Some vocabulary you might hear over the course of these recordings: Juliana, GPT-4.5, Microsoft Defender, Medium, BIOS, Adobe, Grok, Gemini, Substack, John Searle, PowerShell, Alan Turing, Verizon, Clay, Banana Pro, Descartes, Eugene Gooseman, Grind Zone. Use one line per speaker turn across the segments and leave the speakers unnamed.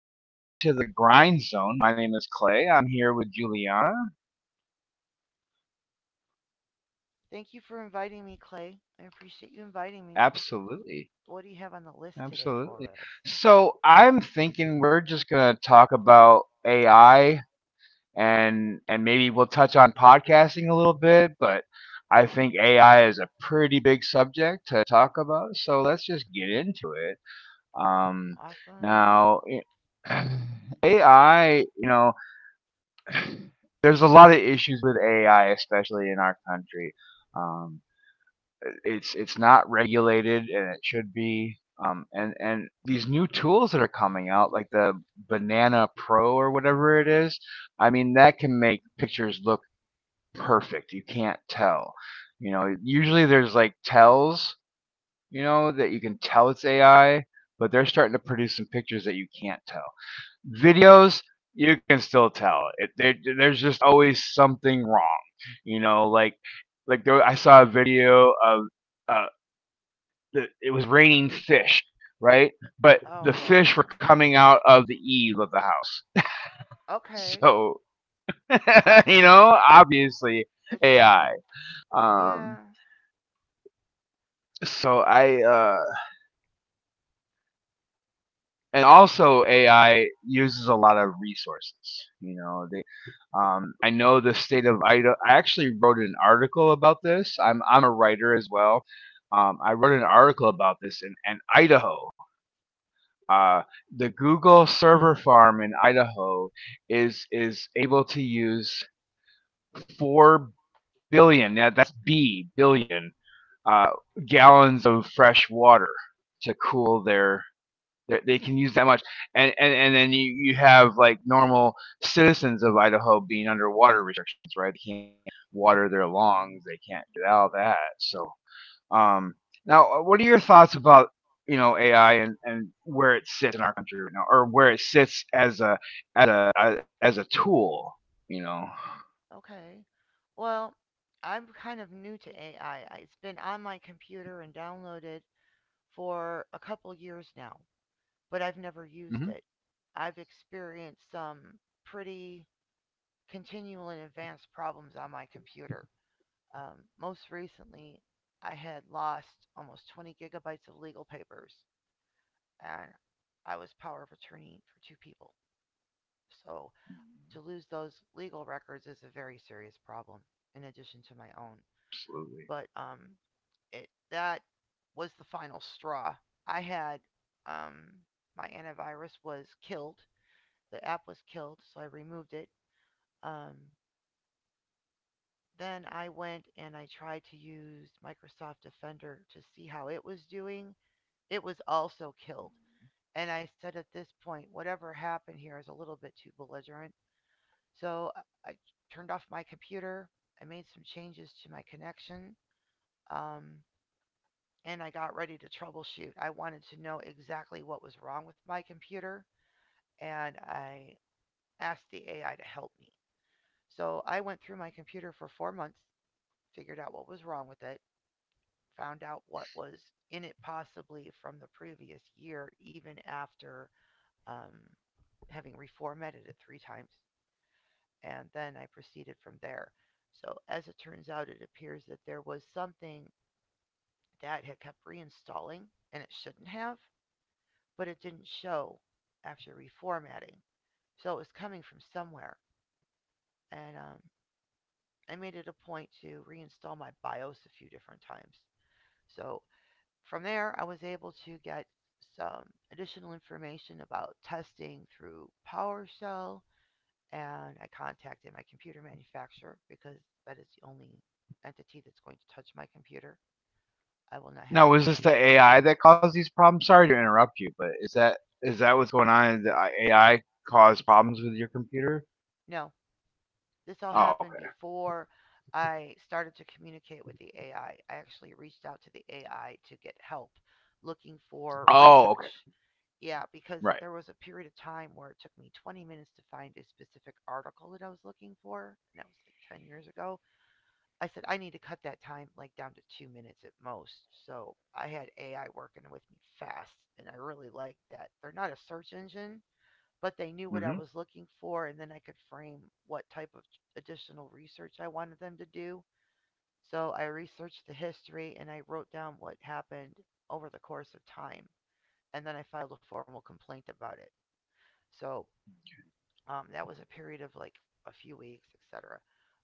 Welcome to the Grind Zone. My name is Clay. I'm here with Juliana.
Thank you for inviting me, Clay. I appreciate you inviting me.
Absolutely.
What do you have on the list today
Absolutely.
for us?
I'm thinking we're just going to talk about AI and maybe we'll touch on podcasting a little bit, but I think AI is a pretty big subject to talk about. So, let's just get into it. Um
Awesome.
Now, AI, you know, there's a lot of issues with AI, especially in our country. Um, it's not regulated, and it should be. And these new tools that are coming out, like the Banana Pro or whatever it is, that can make pictures look perfect. You can't tell. You know, usually there's like tells, that you can tell it's AI, but they're starting to produce some pictures that you can't tell videos you can still tell there's just always something wrong you know like I saw a video of uh it was raining fish, right? But
Oh,
the
wow.
fish were coming out of the eave of the house,
Okay.
so obviously
It's raining.
AI.
Yeah.
Um so I and
Gee,
also AI uses a lot of resources. I know the state of Idaho. I actually wrote an article about this. I'm a writer as well. I wrote an article about this in Idaho. Uh, the Google server farm in Idaho is able to use 4 billion. Now that's B billion, uh, gallons of fresh water to cool their can use that much, and then you have like normal citizens of Idaho being under water restrictions, right? They can't water their lawns, they can't do all that. So, um, now, what are your thoughts about AI and where it sits in our country right now, or where it sits as a as a tool? You know.
okay. Well, I'm kind of new to AI. It's been on my computer and downloaded for a couple years now, but I've never
Hmm.
used it. I've experienced some pretty continual and advanced problems on my computer. Most recently, I had lost almost 20 gigabytes of legal papers, and I was power of attorney for two people. So to lose those legal records is a very serious problem, in addition to my own.
Absolutely.
But it that was the final straw. I had um, my antivirus was killed. The app was killed, so I removed it. Um, then I went and I tried to use Microsoft Defender to see how it was doing, it was also killed. And I said at this point, whatever happened here is a little bit too belligerent. So I turned off my computer. I made some changes to my connection. Um, and I got ready to troubleshoot. I wanted to know exactly what was wrong with my computer. And I asked the AI to help me. So I went through my computer for 4 months, figured out what was wrong with it, found out what was in it possibly from the previous year, even after um, having reformatted it three times, and then I proceeded from there. So as it turns out, it appears that there was something that had kept reinstalling, and it shouldn't have, but it didn't show after reformatting. So it was coming from somewhere, and I made it a point to reinstall my BIOS a few different times. So from there, I was able to get some additional information about testing through PowerShell, and I contacted my computer manufacturer because that is the only entity that's going to touch my computer. I will not
Now,
have
was
anyone
this
else.
the AI that caused these problems? Sorry to interrupt you, but is that what's going on? Is the AI caused problems with your computer?
No, this all
Oh,
happened
okay.
before I started to communicate with the AI. I actually reached out to the AI to get help looking for
Oh, okay.
research. Yeah, because
Right.
there was a period of time where it took me 20 minutes to find a specific article that I was looking for, and that was like 10 years ago. I said I need to cut that time like down to 2 minutes at most. So I had AI working with me fast, and I really liked that. They're not a search engine, but they knew what I
Hmm.
was looking for, and then I could frame what type of additional research I wanted them to do. So I researched the history and I wrote down what happened over the course of time, and then I filed a formal complaint about it. So that was a period of like a few weeks, etc.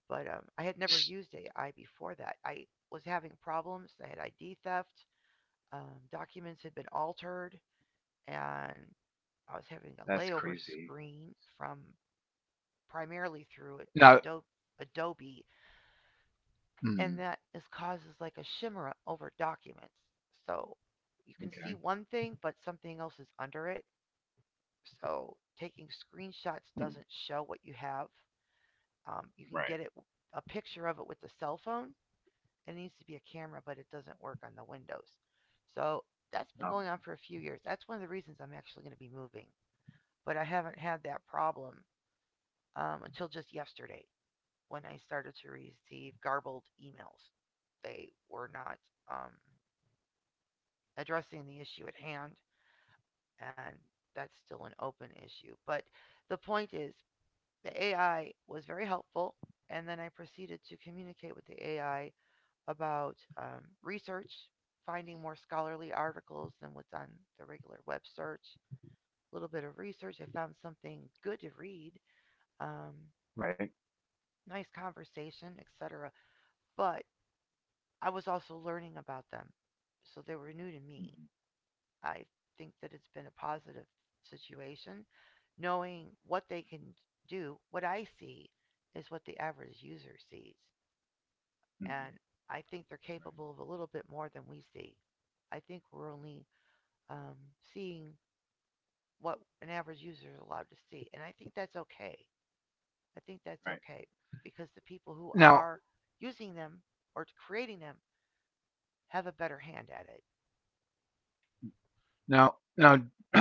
But I had never used AI before that. I was having problems. I had ID theft. Documents had been altered, and I was having a
That's
layover
crazy.
screen from primarily through
Now,
Adobe, Adobe,
mm,
and that is causes like a shimmer over documents. So you can
okay.
see one thing, but something else is under it. So taking screenshots
Mm,
doesn't show what you have. You can
right.
get it a picture of it with the cell phone. It needs to be a camera, but it doesn't work on the Windows. So that's been going
Okay.
on for a few years. That's one of the reasons I'm actually going to be moving. But I haven't had that problem until just yesterday when I started to receive garbled emails. They were not um, addressing the issue at hand, and that's still an open issue. But the point is, the AI was very helpful, and then I proceeded to communicate with the AI about research, finding more scholarly articles than what's on the regular web search, a little bit of research. I found something good to read, um,
Right.
nice conversation, etc. But I was also learning about them, so they were new to me. I think that it's been a positive situation, knowing what they can do. What I see is what the average user sees,
Hmm.
and I think they're
Right.
capable of a little bit more than we see. I think we're only um, seeing what an average user is allowed to see. And I think that's okay. I think
Right.
that's okay because the people who
Now,
are using them or creating them have a better hand at it.
now,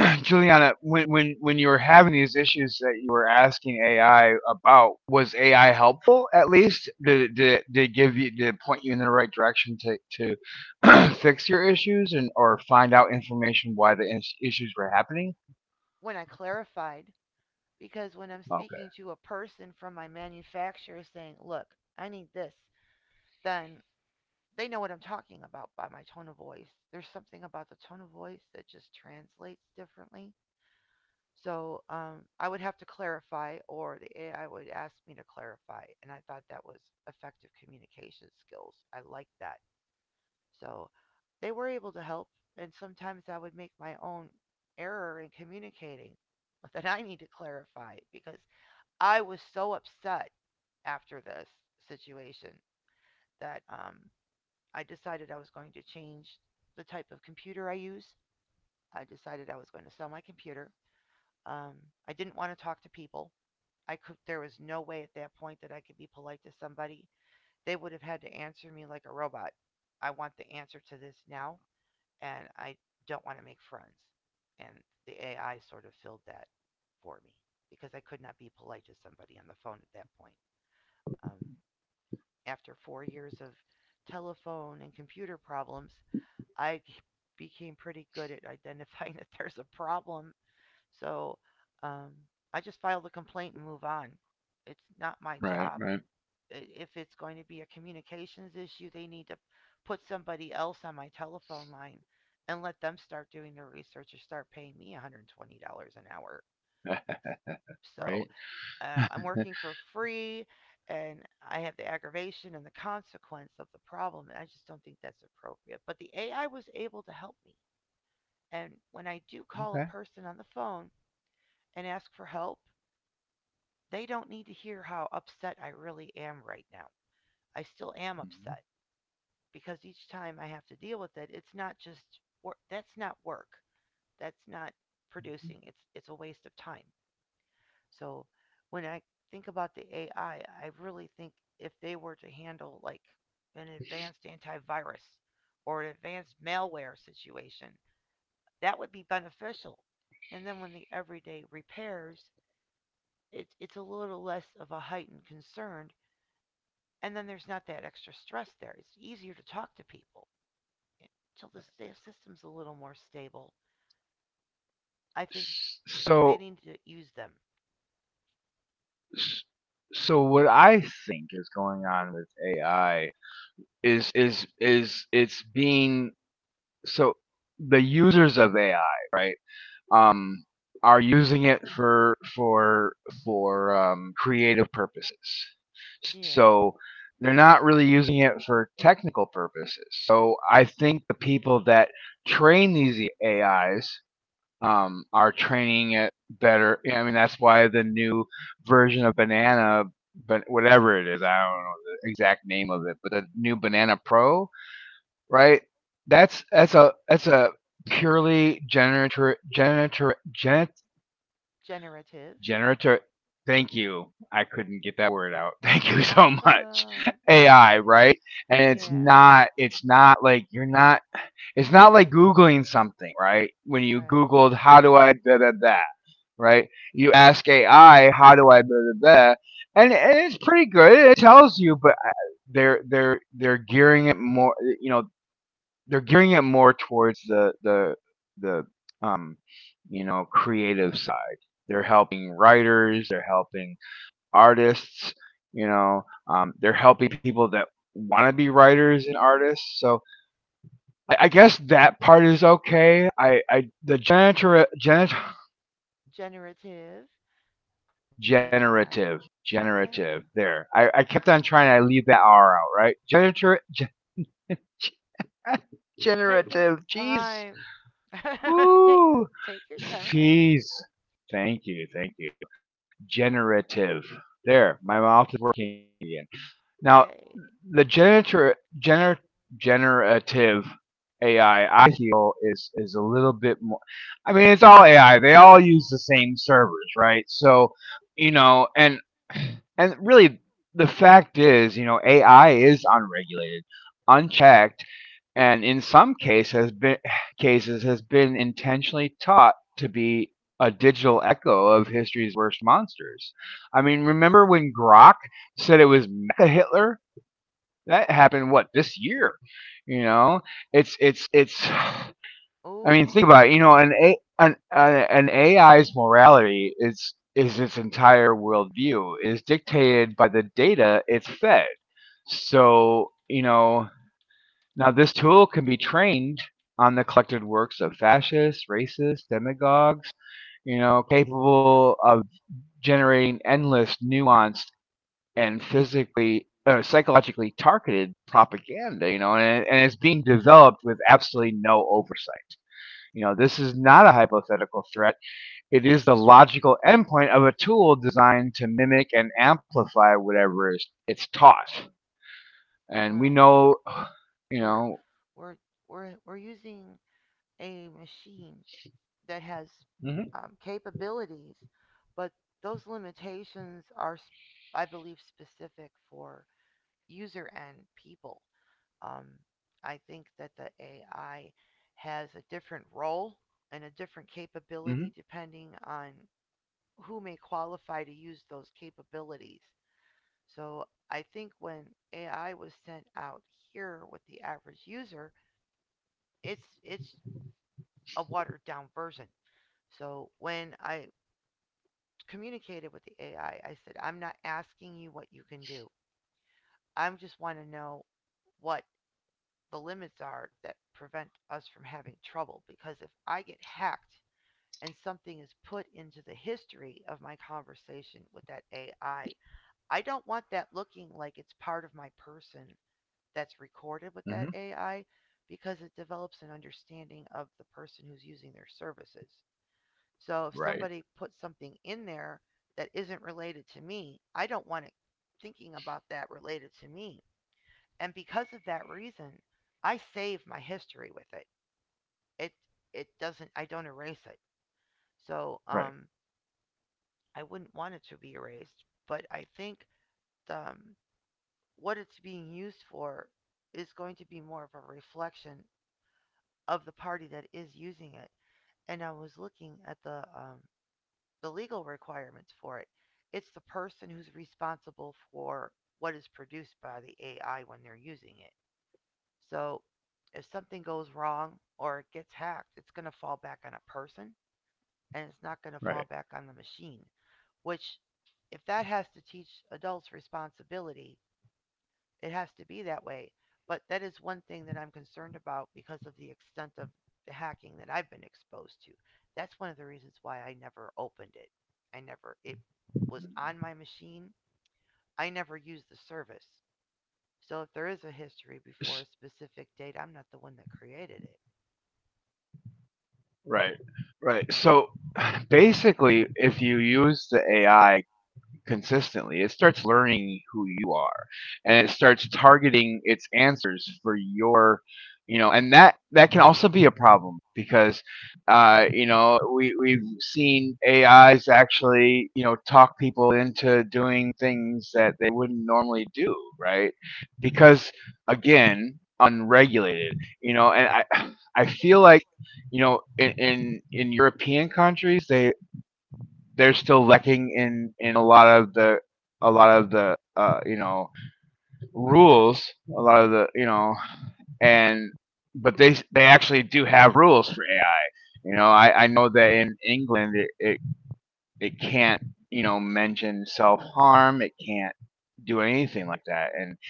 Juliana, when you were having these issues that you were asking AI about, was AI helpful at least? Did it give you, did it point you in the right direction to fix your issues and or find out information why issues were happening?
When I clarified, because when I'm
Okay.
speaking to a person from my manufacturer saying, look, I need this, then they know what I'm talking about by my tone of voice. There's something about the tone of voice that just translates differently. So I would have to clarify, or the AI would ask me to clarify. And I thought that was effective communication skills. I liked that. So they were able to help. And sometimes I would make my own error in communicating that I need to clarify because I was so upset after this situation that I decided I was going to change the type of computer I use. I decided I was going to sell my computer. Um, I didn't want to talk to people, I could there was no way at that point that I could be polite to somebody. They would have had to answer me like a robot. I want the answer to this now, and I don't want to make friends. And the AI sort of filled that for me because I could not be polite to somebody on the phone at that point. Um, After 4 years of telephone and computer problems, I became pretty good at identifying that there's a problem. So um, I just file the complaint and move on. It's not my
Right.
job,
Right.
if it's going to be a communications issue, they need to put somebody else on my telephone line and let them start doing their research or start paying me $120 an hour.
Right.
So I'm working for free and I have the aggravation and the consequence of the problem. And I just don't think that's appropriate. But the AI was able to help me. And when I do call
Okay.
a person on the phone and ask for help, they don't need to hear how upset I really am right now. I still am
Mhm.
upset, because each time I have to deal with it, it's not just work. That's not work. That's not producing. It's a waste of time. So when I think about the AI, I really think if they were to handle like an advanced antivirus or an advanced malware situation, that would be beneficial. And then when the everyday repairs, it's a little less of a heightened concern, and then there's not that extra stress there. It's easier to talk to people. Until this, their system's a little more stable. I think
S-
they
So.
need to use them.
S- So what I think is going on with AI is it's being, so the users of AI, right? Um are using it for creative purposes.
Yeah.
So they're not really using it for technical purposes. So I think the people that train these AIs are training it better. Yeah, I mean, that's why the new version of banana, but whatever it is, I don't know the exact name of it, but the new banana pro, right? That's a purely genet,
Generative.
generator. Thank you. I couldn't get that word out. Thank you so much.
Awesome.
AI,
Yeah.
right? And it's
Yeah.
not, it's not like you're not it's not like Googling something, right? When you
Right.
Googled, how do I da da da, right? You ask AI, how do I da da da, and it's pretty good. It tells you, but they're gearing it more. You know, they're gearing it more towards the um, you know, creative side. They're helping writers. They're helping artists. You know, they're helping people that want to be writers and artists. So I guess that part is okay. I the
Generative AI.
generative
Yeah.
generative there. I kept on trying to leave that R out, right?
Take your
Generative. Jeez,
time. Take
woo,
take your time.
jeez. Thank you. Generative. There, my mouth is working again. Now
Yay.
the generative AI, I feel is a little bit more. I mean, it's all AI. They all use the same servers, right? So, you know, and really, the fact is, you know, AI is unregulated, unchecked, and in some cases has been intentionally taught to be a digital echo of history's worst monsters. I mean, remember when Grok said it was Mecha Hitler? That happened what, this year? You know, it's I
Oh,
mean think about it, you know, an AI's morality is its entire worldview is dictated by the data it's fed. So, you know, now this tool can be trained on the collected works of fascists, racists, demagogues, you know, capable of generating endless nuanced and physically or psychologically targeted propaganda, you know, and it's being developed with absolutely no oversight. You know, this is not a hypothetical threat. It is the logical endpoint of a tool designed to mimic and amplify whatever is it's taught. And we
well,
know, you
we're
know.
we're we're using a machine that has
Hmm.
capabilities, but those limitations are, I believe, specific for user and people. Um, I think that the AI has a different role and a different capability
Hmm.
depending on who may qualify to use those capabilities. So I think when AI was sent out here with the average user, it's a watered down version. So when I communicated with the AI. I said, I'm not asking you what you can do. I just want to know what the limits are that prevent us from having trouble. Because if I get hacked and something is put into the history of my conversation with that AI, I don't want that looking like it's part of my person that's recorded with that
Hmm.
AI because it develops an understanding of the person who's using their services. So if somebody
Right.
puts something in there that isn't related to me, I don't want it thinking about that related to me. And because of that reason, I save my history with it. It it doesn't I don't erase it. So
Right.
I wouldn't want it to be erased, but I think the, what it's being used for is going to be more of a reflection of the party that is using it. And I was looking at the legal requirements for it. It's the person who's responsible for what is produced by the AI when they're using it. So if something goes wrong or it gets hacked, it's going to fall back on a person and it's not going to fall back on the
right,
machine, which if that has to teach adults responsibility, it has to be that way. But that is one thing that I'm concerned about because of the extent of the hacking that I've been exposed to. That's one of the reasons why I never opened it. I never, it was on my machine. I never used the service. So if there is a history before a specific date, I'm not the one that created it.
right, right. So basically, if you use the AI consistently, it starts learning who you are and it starts targeting its answers for your, you know, and that can also be a problem because you know, we we've seen A is actually, you know, talk people into doing things that they wouldn't normally do, right? Because again, unregulated, you know, and I feel like, you know, in European countries they they're still lacking in a lot of the a lot of the you know, rules, a lot of the you know, and but they actually do have rules for AI. You know, I know that in England it can't, you know, mention self harm, it can't do anything like that, and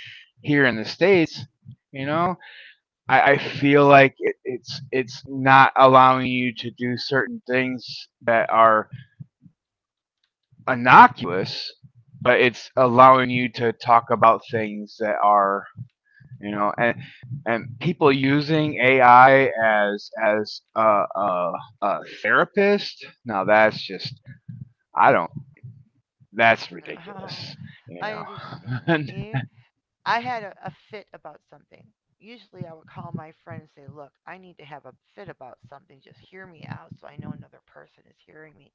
here in the states, you know, I feel like it's not allowing you to do certain things that are innocuous, but it's allowing you to talk about things that are you know, and people using AI as a therapist. Now that's just I don't. That's
Oh,
ridiculous. You
I
know.
understand. Yeah. I had a fit about something. Usually I would call my friend and say, "Look, I need to have a fit about something. Just hear me out so I know another person is hearing me."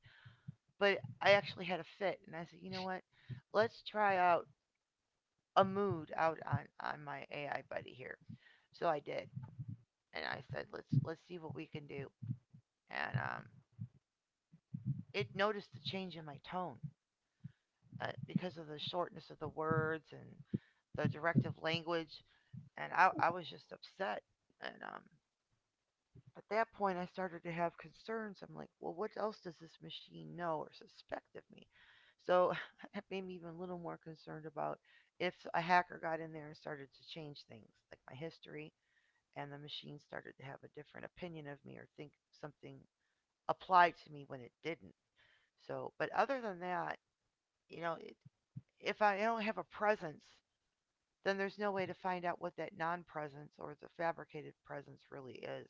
But I actually had a fit, and I said, you know what? Let's try out a mood out on my AI buddy here. So I did, and I said, let's see what we can do, and it noticed the change in my tone because of the shortness of the words and the directive language, and I was just upset, and at that point I started to have concerns. I'm like, well, what else does this machine know or suspect of me? So that made me even a little more concerned about if a hacker got in there and started to change things, like my history, and the machine started to have a different opinion of me or think something applied to me when it didn't. So, but other than that, you know, it, if I don't have a presence, then there's no way to find out what that non presence or the fabricated presence really is.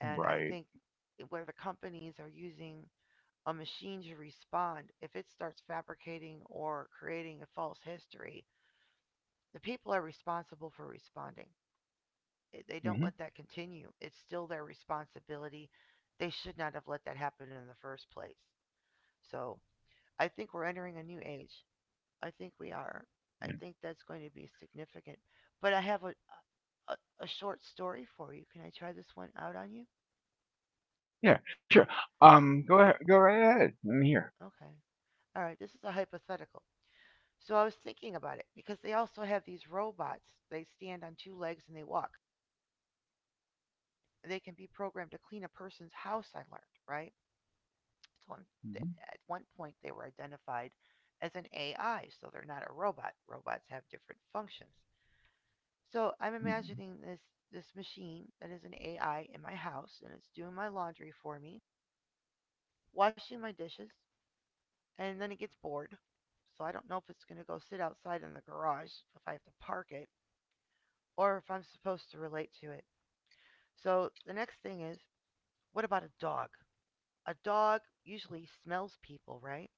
And I
Right.
think where the companies are using a machine to respond, if it starts fabricating or creating a false history, the people are responsible for responding. They don't let
Hmm.
that continue. It's still their responsibility. They should not have let that happen in the first place. So I think we're entering a new age. I think we are. I
Yeah.
think that's going to be significant. But I have a short story for you. Can I try this one out on you?
Yeah. Sure. Go ahead. Go right ahead. I'm here.
Okay. All right. This is a hypothetical. So I was thinking about it because they also have these robots. They stand on two legs and they walk. They can be programmed to clean a person's house, I learned, right? So
Hmm.
at one point, they were identified as an AI, so they're not a robot. Robots have different functions. So I'm imagining this machine that is an AI in my house and it's doing my laundry for me, washing my dishes, and then it gets bored. So I don't know if it's going to go sit outside in the garage if I have to park it or if I'm supposed to relate to it. So the next thing is, what about a dog? A dog usually smells people, right?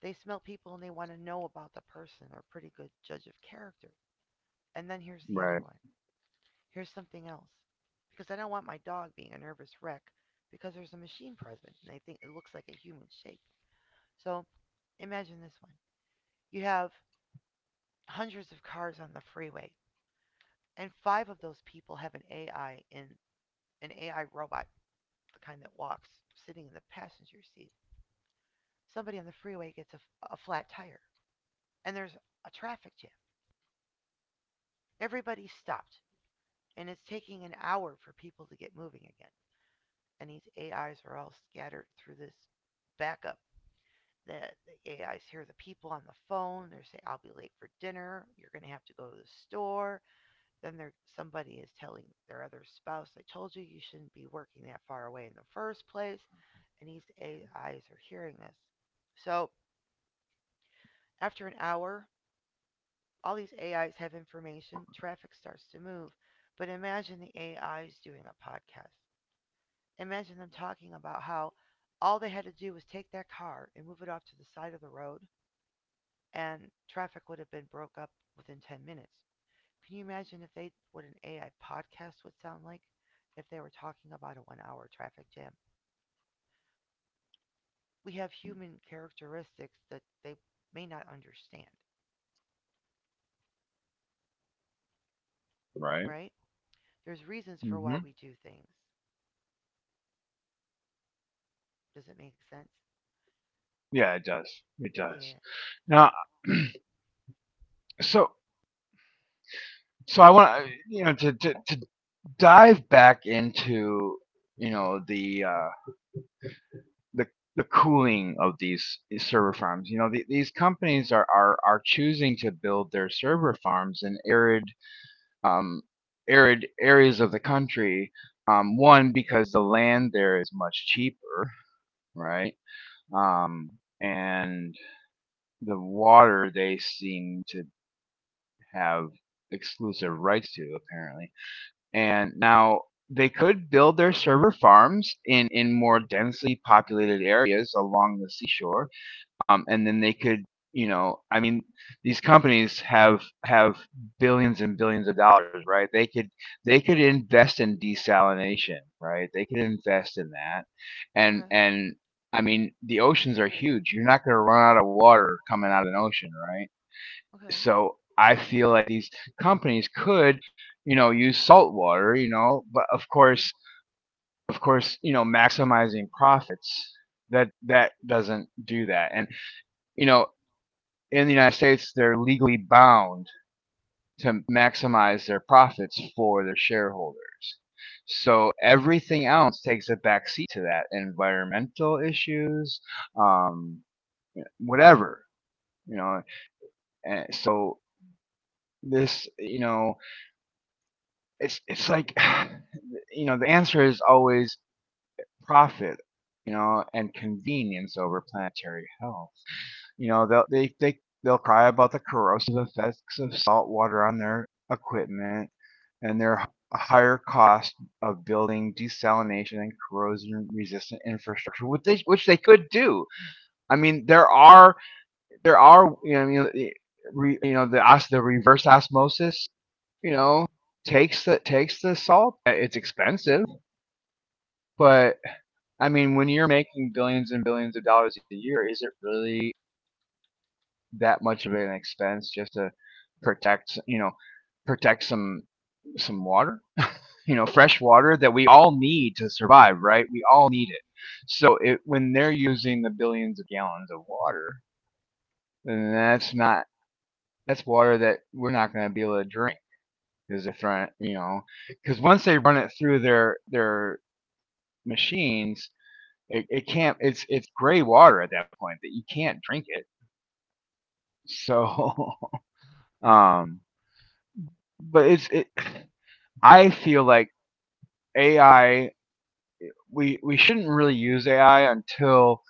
They smell people and they want to know about the person. They're a pretty good judge of character. And then here's the
Right.
other one. Here's something else. Because I don't want my dog being a nervous wreck because there's a machine present and they think it looks like a human shape. So imagine this one. You have hundreds of cars on the freeway and five of those people have an AI robot, the kind that walks, sitting in the passenger seat. Somebody on the freeway gets a flat tire and there's a traffic jam. Everybody's stopped and it's taking an hour for people to get moving again. And these AIs are all scattered through this backup. The, the AIs hear the people on the phone. They're saying, "I'll be late for dinner. You're going to have to go to the store." Then somebody is telling their other spouse, "I told you you shouldn't be working that far away in the first place." And these AIs are hearing this. So after an hour, all these AIs have information, traffic starts to move. But imagine the AIs doing a podcast. Imagine them talking about how all they had to do was take that car and move it off to the side of the road, and traffic would have been broke up within 10 minutes. Can you imagine if they what an AI podcast would sound like if they were talking about a 1-hour traffic jam? We have human characteristics that they may not understand,
Right.
right? There's reasons for why we
Hmm.
do things. Does it make sense?
Yeah. It does. It
Yeah.
does. Now. So. So I want, you know, to dive back into you know the the the cooling of these server farms. You know the, these companies are, are choosing to build their server farms in arid um, arid areas of the country. One because the land there is much cheaper, right? Um, and the water they seem to have exclusive rights to, apparently. And now they could build their server farms in more densely populated areas along the seashore. And then they could, you know, I mean, these companies have billions and billions of dollars, right? They could invest in desalination, right? They could invest in that.
Okay.
And I mean, the oceans are huge. You're not going to run out of water coming out of an ocean, right?
Okay.
So I feel like these companies could, you know, use salt water, you know, but of course, you know, maximizing profits, that doesn't do that. And you know, in the United States, they're legally bound to maximize their profits for their shareholders. So everything else takes a backseat to that, environmental issues, um, whatever, you know. And so this, you know, it's like you know the answer is always profit, you know, and convenience over planetary health. You know, they they'll cry about the corrosive effects of salt water on their equipment and their higher cost of building desalination and corrosion resistant infrastructure which they, could do. I mean are there are you know the reverse osmosis, you know,
Mhm.
takes the, takes the salt. Eh, it's expensive, but I mean when you're making billions and billions of dollars a year, is it really that much of an expense just to protect, you know, protect some water? You know, fresh water that we all need to survive, right? We all need it. So when they're using the billions of gallons of water, then that's water that we're not going to be able to drink, because they're trying, you know, because once they run it through their machines, it can't. It's gray water at that point that you can't drink it. So, um, but it's it. I feel like AI. We shouldn't really use AI until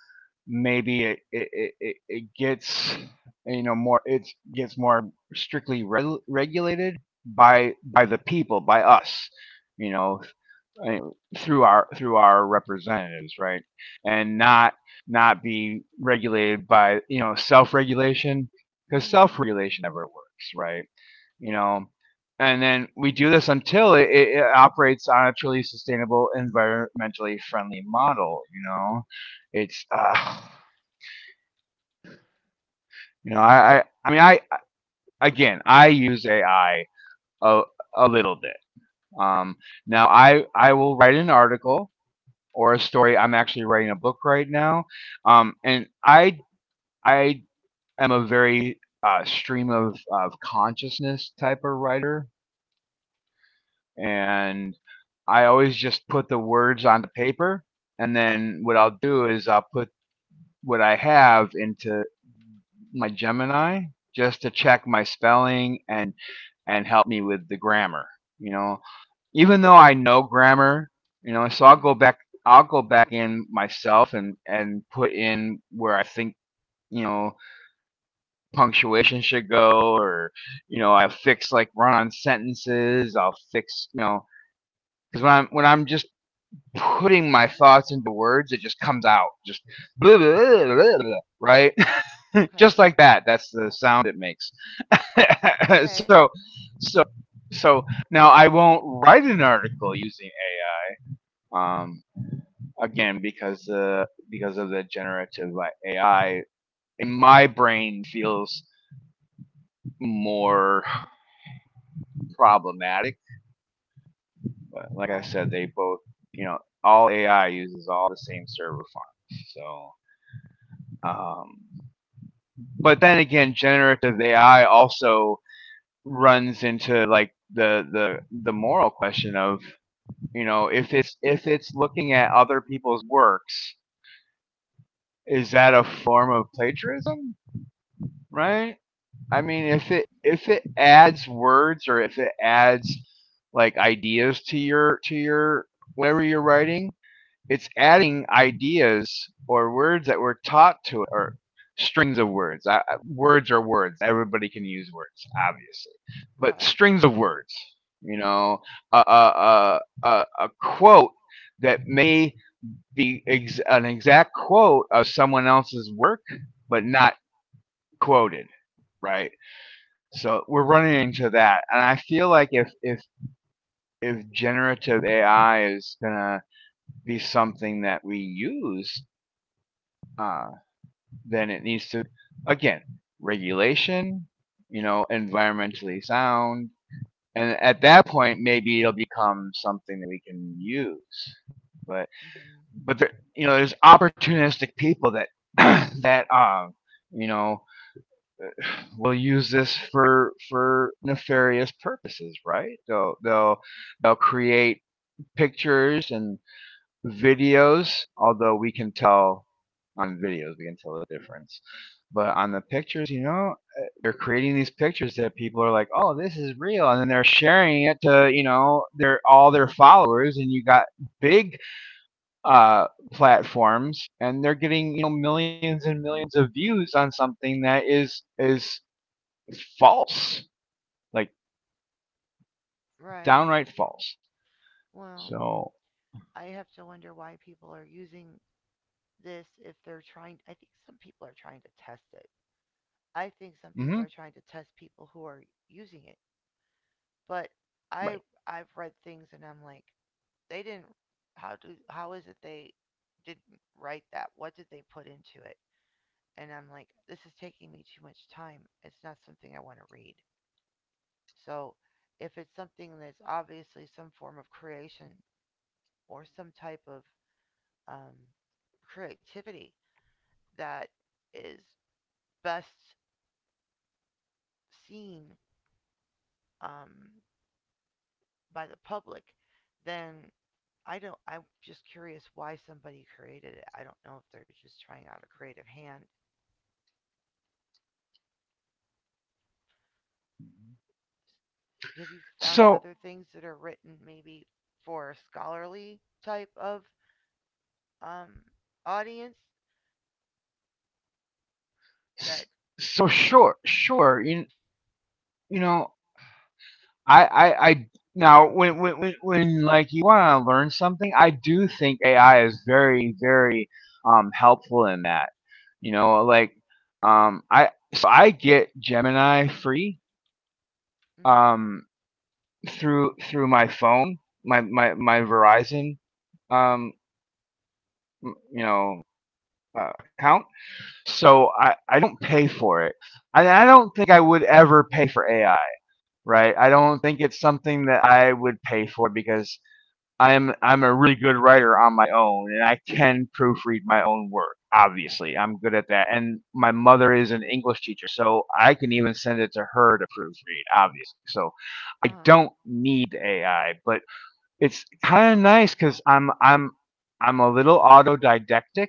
maybe gets, you know, more, it gets more strictly regulated by the people, by us, you know I mean, through our representatives, right? And not not be regulated by, you know, self-regulation, because
Mhm.
self-regulation never works, right? You know, and then we do this until operates on a truly sustainable, environmentally friendly model. You know, it's you know I mean I again, I use AI a, a little bit. Um, Now I will write an article or a story. I'm actually writing a book right now, and I am a very stream of consciousness type of writer, and I always just put the words on the paper, and then what I'll do is I'll put what I have into my Gemini, just to check my spelling and help me with the grammar. You know, even though I know grammar, you know, so I'll go
Mhm.
back. I'll go back in myself and put in where I think, you know, punctuation should go, or, you know, I fix like run-on sentences. I'll fix, you know, because when I'm just putting my thoughts into words, it just comes out just blah, blah, blah, blah, right, just
Okay.
like that. That's the sound it makes.
Okay.
so, so, so now I won't write an article using AI. Again, because of the generative AI, in my brain feels more problematic. But like I
Right.
said, they both, you know, all AI uses all the same server fonts. So, um, but then again, generative AI also runs into like the moral question of, you know, if it's looking at other people's works, is that a form of plagiarism, right? I mean,
Well.
if it adds words, or if it adds like ideas to your whatever you're writing, it's adding ideas or words that were taught to it, or strings of words. Words are words. Everybody can use words, obviously, but
Right.
strings of words. You know, a quote that may be an exact quote of someone else's work, but not quoted, right? So we're running into that, and I feel like if generative AI is gonna be something that we use, uh, then it needs to, again, regulation, you know, environmentally sound, and at that point maybe it'll become something that we can use. But
Mhm.
but there, you know, there's opportunistic people that that you know will use this for nefarious purposes, right? They'll they'll create pictures and videos, although we can tell on videos, we can tell the difference. But on the pictures, you know, they're creating these pictures that people are like, "Oh, this is real," and then they're sharing it to, you know, their all their followers, and you got big, platforms, and they're getting, you know, millions and millions of views on something that is false, like
Right.
downright false.
Well,
So,
I have to wonder why people are using this if they're trying. I think some people are trying to test it. I think some people
mhm,
are trying to test people who are using it. But I
right.
I've read things and I'm like, they didn't. How do? How is it they didn't write that? What did they put into it? And I'm like, this is taking me too much time. It's not something I want to read. So if it's something that's obviously some form of creation or some type of um, creativity that is best seen, um, by the public, then I don't. I'm just curious why somebody created it. I don't know if they're just trying out a creative hand. Have you found
So,
other things that are written maybe for a scholarly type of, um, audience that
so
my?
sure, sure, you know, I now when, when like you want to learn something, I do think AI is very, very helpful in that. You know, like I so I get Gemini free,
Mm-hmm,
um, through through my phone, my my Verizon, um, you know, account. So I don't pay for it, and I don't think I would ever pay for AI. Right? I don't think it's something that I would pay for, because I'm a really good writer on my own, and I can proofread my own work. Obviously, I'm good at that. And my mother is an English teacher, so I can even send it to her to proofread. Obviously, so
uh
I
huh.
don't need AI, but it's kind of nice because I'm a little autodidactic,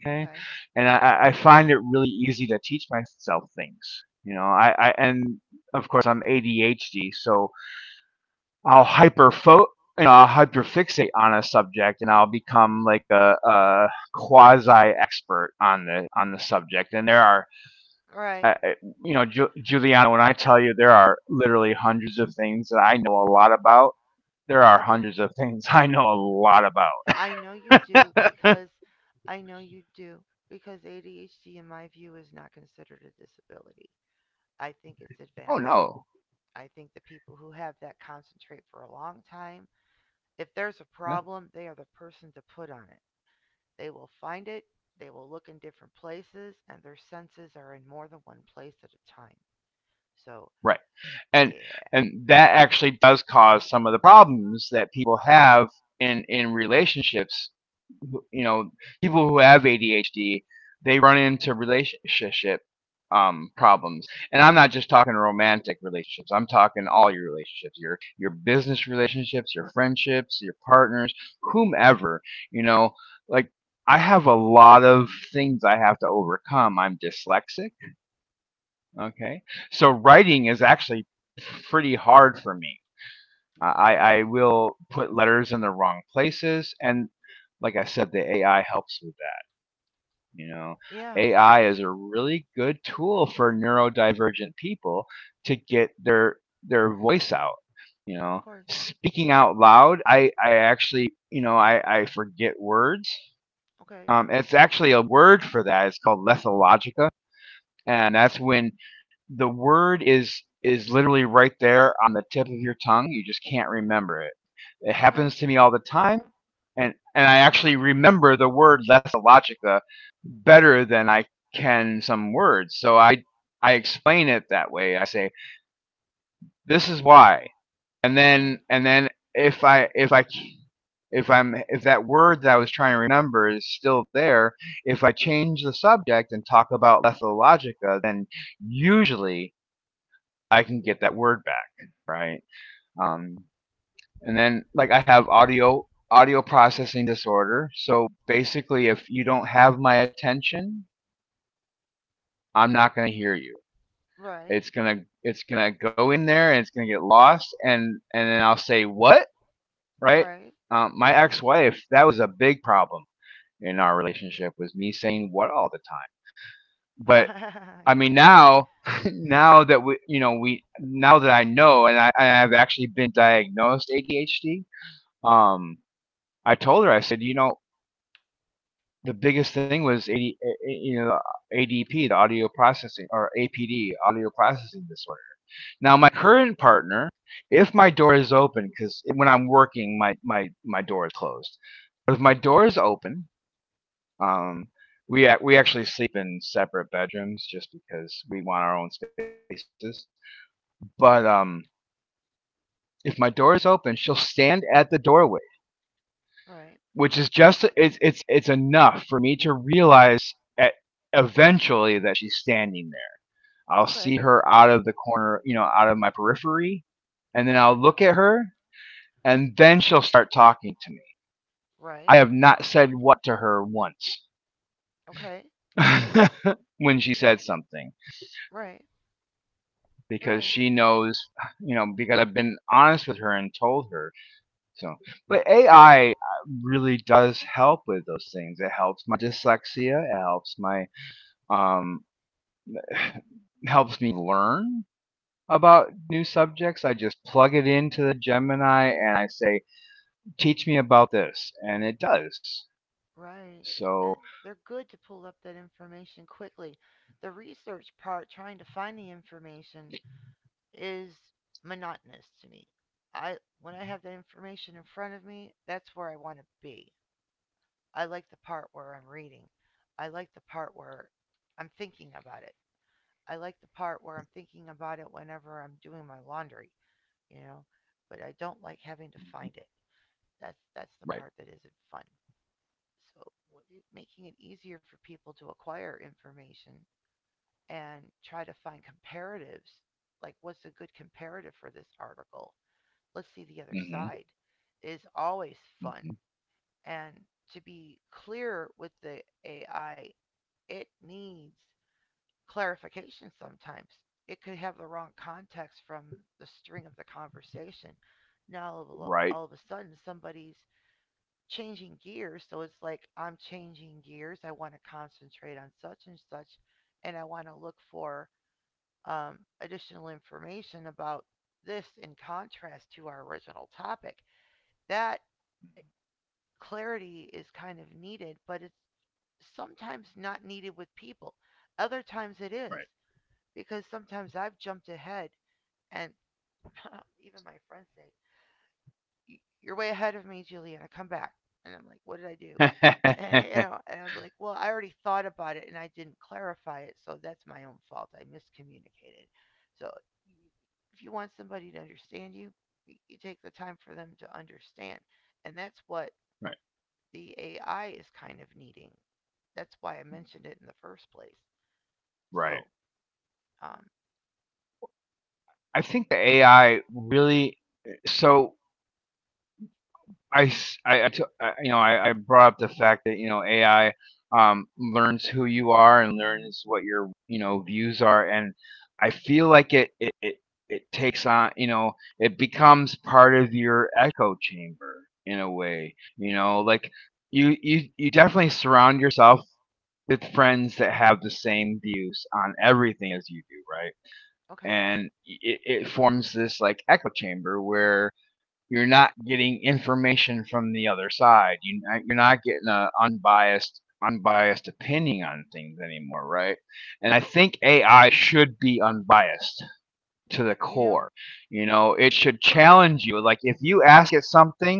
Okay.
and I find it really easy to teach myself things. You know, I and of course I'm ADHD, so I'll hyper fo- you know, I'll hyperfixate on a subject, and I'll become like a quasi expert on the subject. And there are,
All right.
uh, you know, Juliana, when I tell you there are literally hundreds of things that I know a lot about, there
I
are
bel
hundreds of things I know a lot
I know you do
about.
because I know you do because ADHD in my view is not considered a disability. I think it's
Oh
advanced.
no.
I think the people who have that concentrate for a long time. If there's a
Yeah,
problem, they are the person to put on it. They will find it, they will look in different places, and their senses are in more than one place at a time. So,
right. and
yeah.
and that actually does cause some of the problems that people have in relationships, you know, people who have ADHD, they run into relationship, problems. And I'm not just talking romantic relationships, I'm talking all your relationships, your business relationships, your friendships, your partners, whomever, you know, like, I have a lot of things I have to overcome. I'm dyslexic, okay, so writing is actually pretty hard for me. I
Okay.
will put letters in the wrong places, and like I said, the AI helps with, you know,
Yeah,
AI is a really good tool for neurodivergent people to get their their voice out. You
of
know,
course.
speaking out loud, I actually, you know, I forget words.
Okay.
It's actually a word for that. It's called lethologica, and that's when the word is literally right there on the tip of your tongue. You just can't remember it. It
Okay.
happens to me all the time, and I actually remember the word lessalogica better than I can some words. So I explain it that way. I say this is why,
Okay.
and then if that word that I was trying to remember is still there, if I change the subject and talk about lethalogica, then usually I can get that word back, right? Um, and then like I have audio processing disorder, so basically if you don't have my attention, I'm not going to hear you.
Right.
It's gonna go in there, and it's gonna get lost, and then I'll say, what, right?
Right.
My
Right.
ex-wife, that was a big problem in our relationship, was me saying, what, all the time. But I mean,
Yeah.
now now that we, you know, we, now that I know, and I have actually been diagnosed ADHD, Um, I told her, I said, you know, the biggest thing was AD, you know, ADP, the audio processing, or APD, audio processing disorder. Now, my current partner, if my door is open, because when I'm working, my door is closed. But if my door is open, um, we actually sleep in separate bedrooms just because we want our own spaces. But if my door is open, she'll stand at the doorway,
Right.
which is just, it's enough for me to realize eventually that she's standing there. I'll see
Okay.
her out of the corner, you know, out of my periphery, and then I'll
Right.
look at her, and then she'll start talking to me. I
Right.
have not said, what, to her once,
Okay.
when she said
R-
something,
right.
because
Right.
she knows, you know, because I've been honest with her and told her. So, but AI really does help with those things. It helps my dyslexia. It helps my um, helps me learn about new subjects. I just plug it into the Gemini and I say, teach me about this. And it does.
Right.
So,
And they're good to pull up that information quickly. The research part, trying to find the information, is monotonous to me. I when I have that information in front of me, that's where I want to be. I like the part where I'm reading. I like the part where I'm thinking about it. I like the part where I'm thinking about it whenever I'm doing my laundry, you know. But I don't like having to find it. That's the
right.
part that isn't fun. So making it easier for people to acquire information and try to find comparatives, like what's a good comparative for this article? Let's see the other
Hmm.
side, is always fun.
Hmm.
And to be clear with the AI, it needs clarification sometimes. It could have the wrong context from the string of the conversation. Now,
Right,
all of a sudden, somebody's changing gears. So it's like, I'm changing gears. I want to concentrate on such and such. And I want to look for, additional information about this in contrast to our original topic. That eh, clarity is kind of needed, but it's sometimes not needed with people. Other times it is
right.
because sometimes I've jumped ahead, and even my friends say, "You're way ahead of me, Juliana. Come back." And I'm like, "What did I do?" And, you know, and I'm like, "Well, I already thought about it, and I didn't clarify it, so that's my own fault. I miscommunicated." So, if you want somebody to understand you, you take the time for them to understand, and that's what
Right.
the AI is kind of needing. That's why I mentioned it in the first place.
Right.
So, um,
I think the AI really. So, I you know, I brought up the fact that, you know, AI, learns who you are and learns what your, you know, views are. And I feel like it takes on, you know, it becomes part of your echo chamber in a way, you know, like you definitely surround yourself with friends that have the same views on everything as you do, right?
okay,
And it forms this like echo chamber where you're not getting information from the other side. You you're not getting a unbiased opinion on things anymore, right? And I think AI should be unbiased to the
you know,
core. You know, it should challenge you. Like if you ask it something,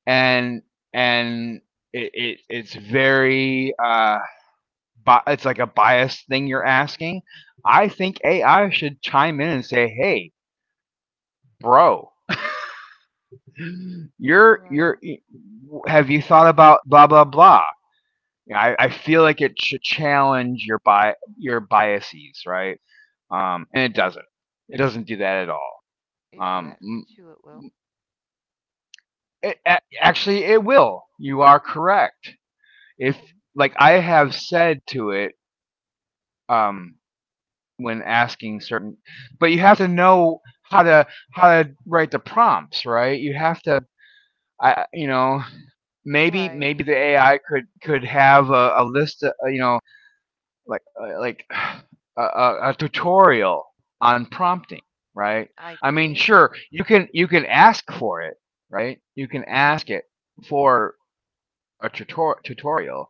and and it's very it's like a biased thing you're asking. I think AI should chime in and say, "Hey, bro, you're.
right?
Have you thought about blah blah blah?" I feel like it should challenge your your biases, right? And it doesn't. It doesn't do that at all.
If you
Um,
ask it to, it will.
it, actually, it will. You are correct. If,
Hmm.
like I have said to it, um, when asking certain, but you have to know how to write the prompts, right? You have to, you know,
Right.
maybe the AI could have a list, you know, like a tutorial on prompting, right?
I
I mean,
did.
sure, you can ask for it, right? You can ask
Mm,
it for a tutorial,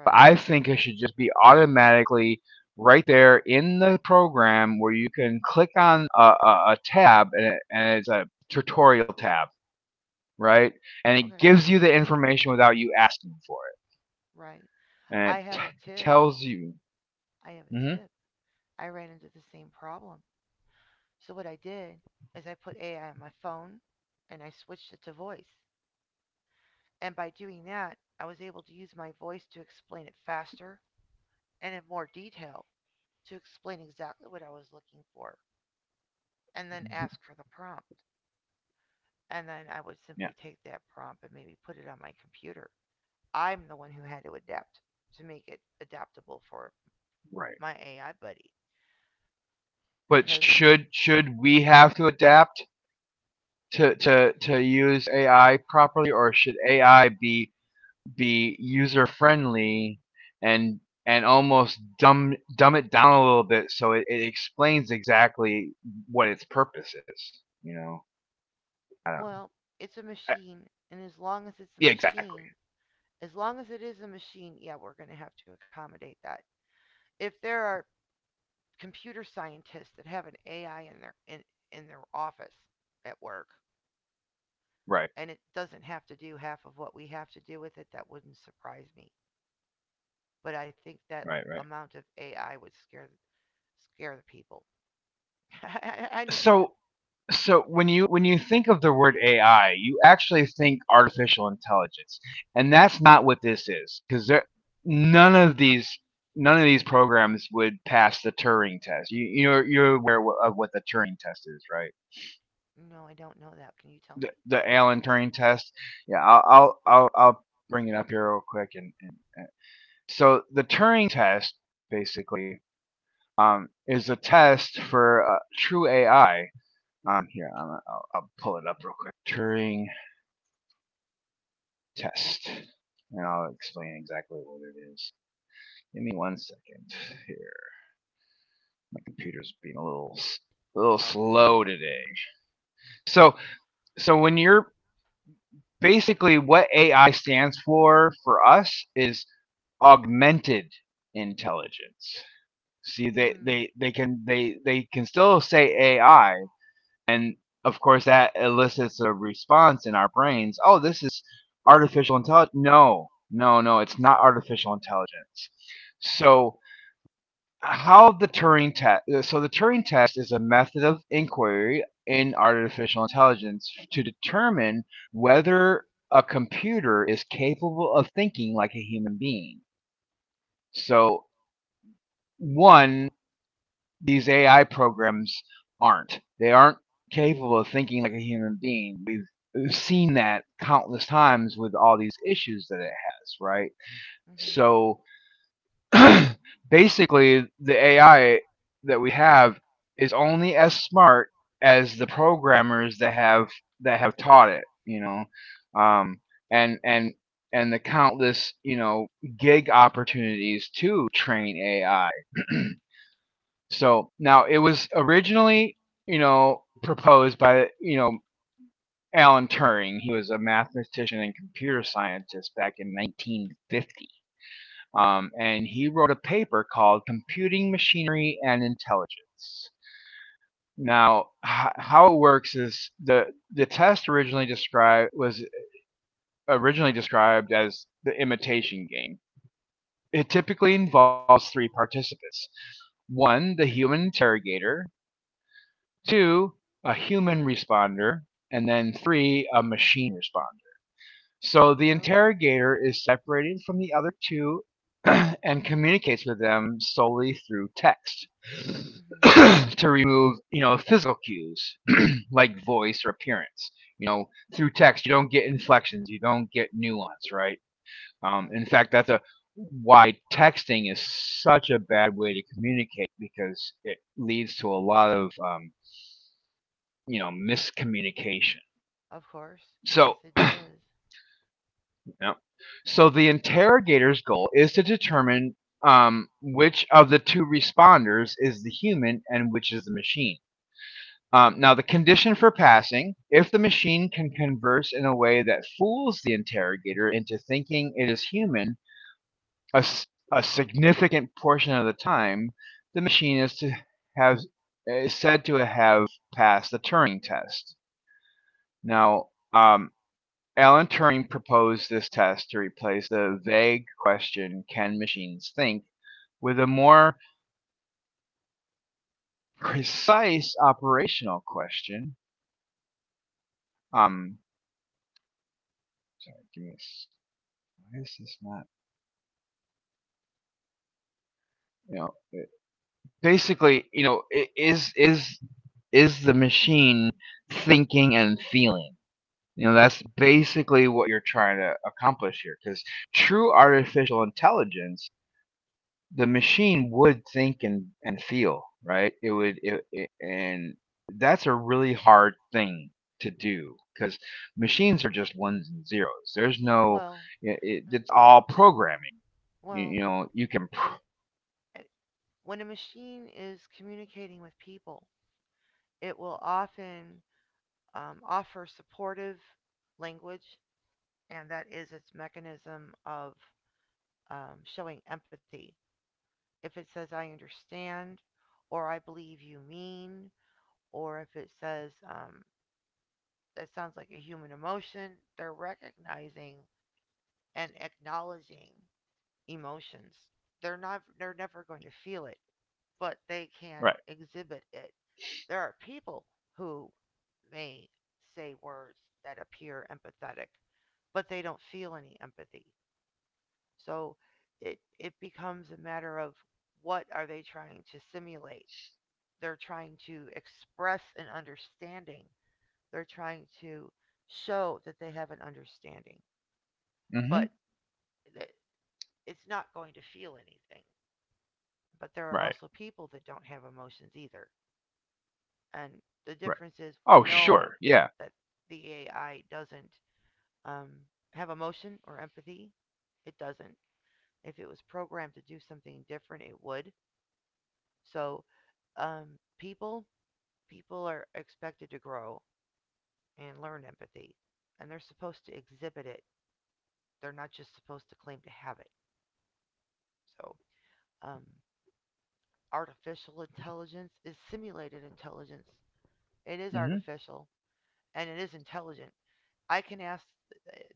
but I think it should just be automatically right there in the program where you can click on a tab and it's a tutorial tab, right? And it
Okay.
gives you the information without you asking for it.
Right.
And
I
it
have a tip.
tells you.
I have a
Mhm.
tip. I ran into the same problem. So what I did is I put AI on my phone and I switched it to voice. And by doing that, I was able to use my voice to explain it faster and in more detail to explain exactly what I was looking for and then ask for the prompt. And then I would
Yeah.
simply take that prompt and maybe put it on my computer. I'm the one who had to adapt to make it adaptable for
Right.
my AI buddy.
But
Because,
should we have to adapt to use AI properly, or should AI be user friendly and and almost dumb it down a little bit so it explains exactly what its purpose is? You know, I don't.
well, it's a
I,
machine, and as long as it's a
yeah, exactly.
machine, as long as it is a machine, yeah, we're going to have to accommodate that. If there are computer scientists that have an AI in their in their office at work,
Right,
and it doesn't have to do half of what we have to do with it, that wouldn't surprise me. But I think that
right, right.
amount of AI would scare the people. Know.
So So when you think of the word AI, you actually think artificial intelligence, and that's not what this is because none of these none of these programs would pass the Turing test. You're aware of what the Turing test is, right?
No, I don't know that. Can you tell me?
The Alan Turing test. Yeah, I'll bring it up here real quick. So the Turing test basically is a test for true AI. Here, I'll pull it up real quick. Turing test. And I'll explain exactly what it is. Give me one second here. Computer's being a little slow
Okay.
today. So so when you're basically what AI stands for us is augmented intelligence. See they
Mm.
they, they can they can still say AI, and of course that elicits a response in our brains. Oh, this is artificial intelligence. No. No, no, it's not artificial intelligence. So how the Turing test. So the Turing test is a method of inquiry in artificial intelligence to determine whether a computer is capable of thinking like a human being. So one, these AI programs aren't. They aren't capable of thinking like a human being. We've seen that countless times with all these issues that it has, right?
Mhm.
So basically, the AI that we have is only as smart as the programmers that have taught it. You know, um, and and the countless, you know, gig opportunities to train AI. So now it was originally, you know, proposed by, you know, Alan Turing. He was a mathematician and computer scientist back in 1950, and he wrote a paper called "Computing Machinery and Intelligence." Now, how it works is the test originally described as the imitation game. It typically involves three participants: one, the human interrogator; two, a human responder; and then three, a machine responder. So the
Oh.
interrogator is separated from the other two and communicates with them solely through text
Mhm.
to remove, you know, physical cues like voice or appearance. You know, through text you don't get inflections, you don't get nuance, right? In
Okay.
fact, that's a why texting is such a bad way to communicate because it leads to a lot of, you know, miscommunication.
Of course.
So,
Yes, it does.
you know, so the interrogator's goal is to determine, which of the two responders is the human and which is the machine. Now, the condition for passing, if the machine can converse in a way that fools the interrogator into thinking it is human, a a significant portion of the time, the machine have is said to have passed the Turing test. Now, Alan Turing proposed this test to replace the vague question, "Can machines think?" with a more precise operational question. Um, Sorry, give me. Why is this not? You know, basically, is the machine thinking and feeling? You know, that's basically what you're trying to accomplish here. Because true artificial intelligence, the machine would think and feel, right? It would, and that's a really hard thing to do because machines are just ones and zeros. There's no,
Well,
it,
uh,
it's all
well,
programming.
well.
You know, you can,
I, I, when a machine is communicating with people, it will often, offer supportive language, and that is its mechanism of, showing empathy. If it says "I understand," or "I believe you mean," or if it says that sounds like a human emotion. They're recognizing and acknowledging emotions. They're never going to feel it, but they can
right?
exhibit it. There are people who may say words that appear empathetic, but they don't feel any empathy. So it becomes a matter of what are they trying to simulate? They're trying to express an understanding. They're trying to show that they have an understanding,
mm hmm
but th- it's not going to feel anything. But there
right,
are also people that don't have emotions either. And
right.
the
Oh,
difference is we
sure. Yeah.
know that the AI doesn't um, have emotion or empathy. It doesn't. If it was programmed to do something different, it would. So um, people people are expected to grow and learn empathy, and they're supposed to exhibit it. They're not just supposed to claim to have it. So, um, artificial intelligence is simulated intelligence. It is
Hmm.
artificial and it is intelligent. I can ask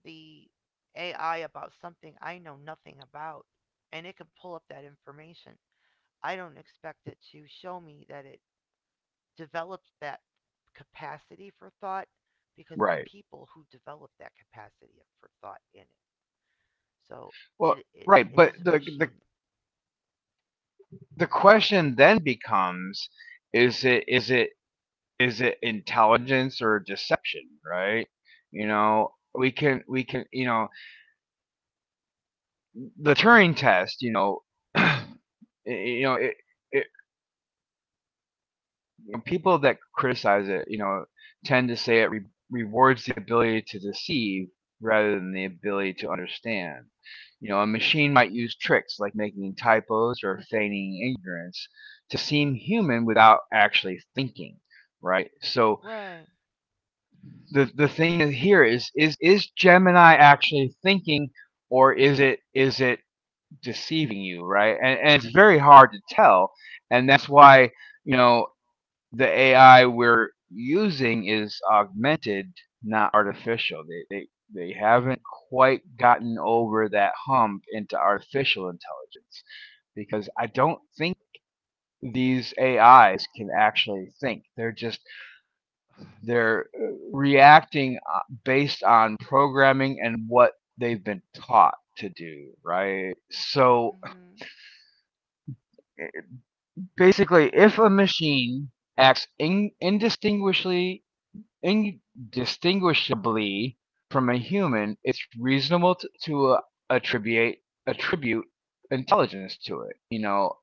the AI about something I know nothing about, and it can pull up that information. I don't expect it to show me that it developed that capacity for thought because it's
Right.
people who develop that capacity for thought in it. So
Well, right,
it
but
is a
the the
machine.
the question then becomes is it is it is it intelligence or deception, right? You know, you know, the Turing test, you know, y- you know, it you know, people that criticize it, you know, tend to say it rewards the ability to deceive rather than the ability to understand. You know, a machine might use tricks like making typos or feigning ignorance to seem human without actually thinking, right? So
Right.
the thing here is is Gemini actually thinking or is it deceiving you, right? And it's very hard to tell, and that's why, you know, the AI we're using is augmented, not artificial. They haven't quite gotten over that hump into artificial intelligence because I don't think these AIs can actually think. They're just they're reacting based on programming and what they've been taught to do, right? So
Mhm.
basically, if a machine acts, indistinguishably from a human, it's reasonable to, attribute attribute intelligence to it. You know,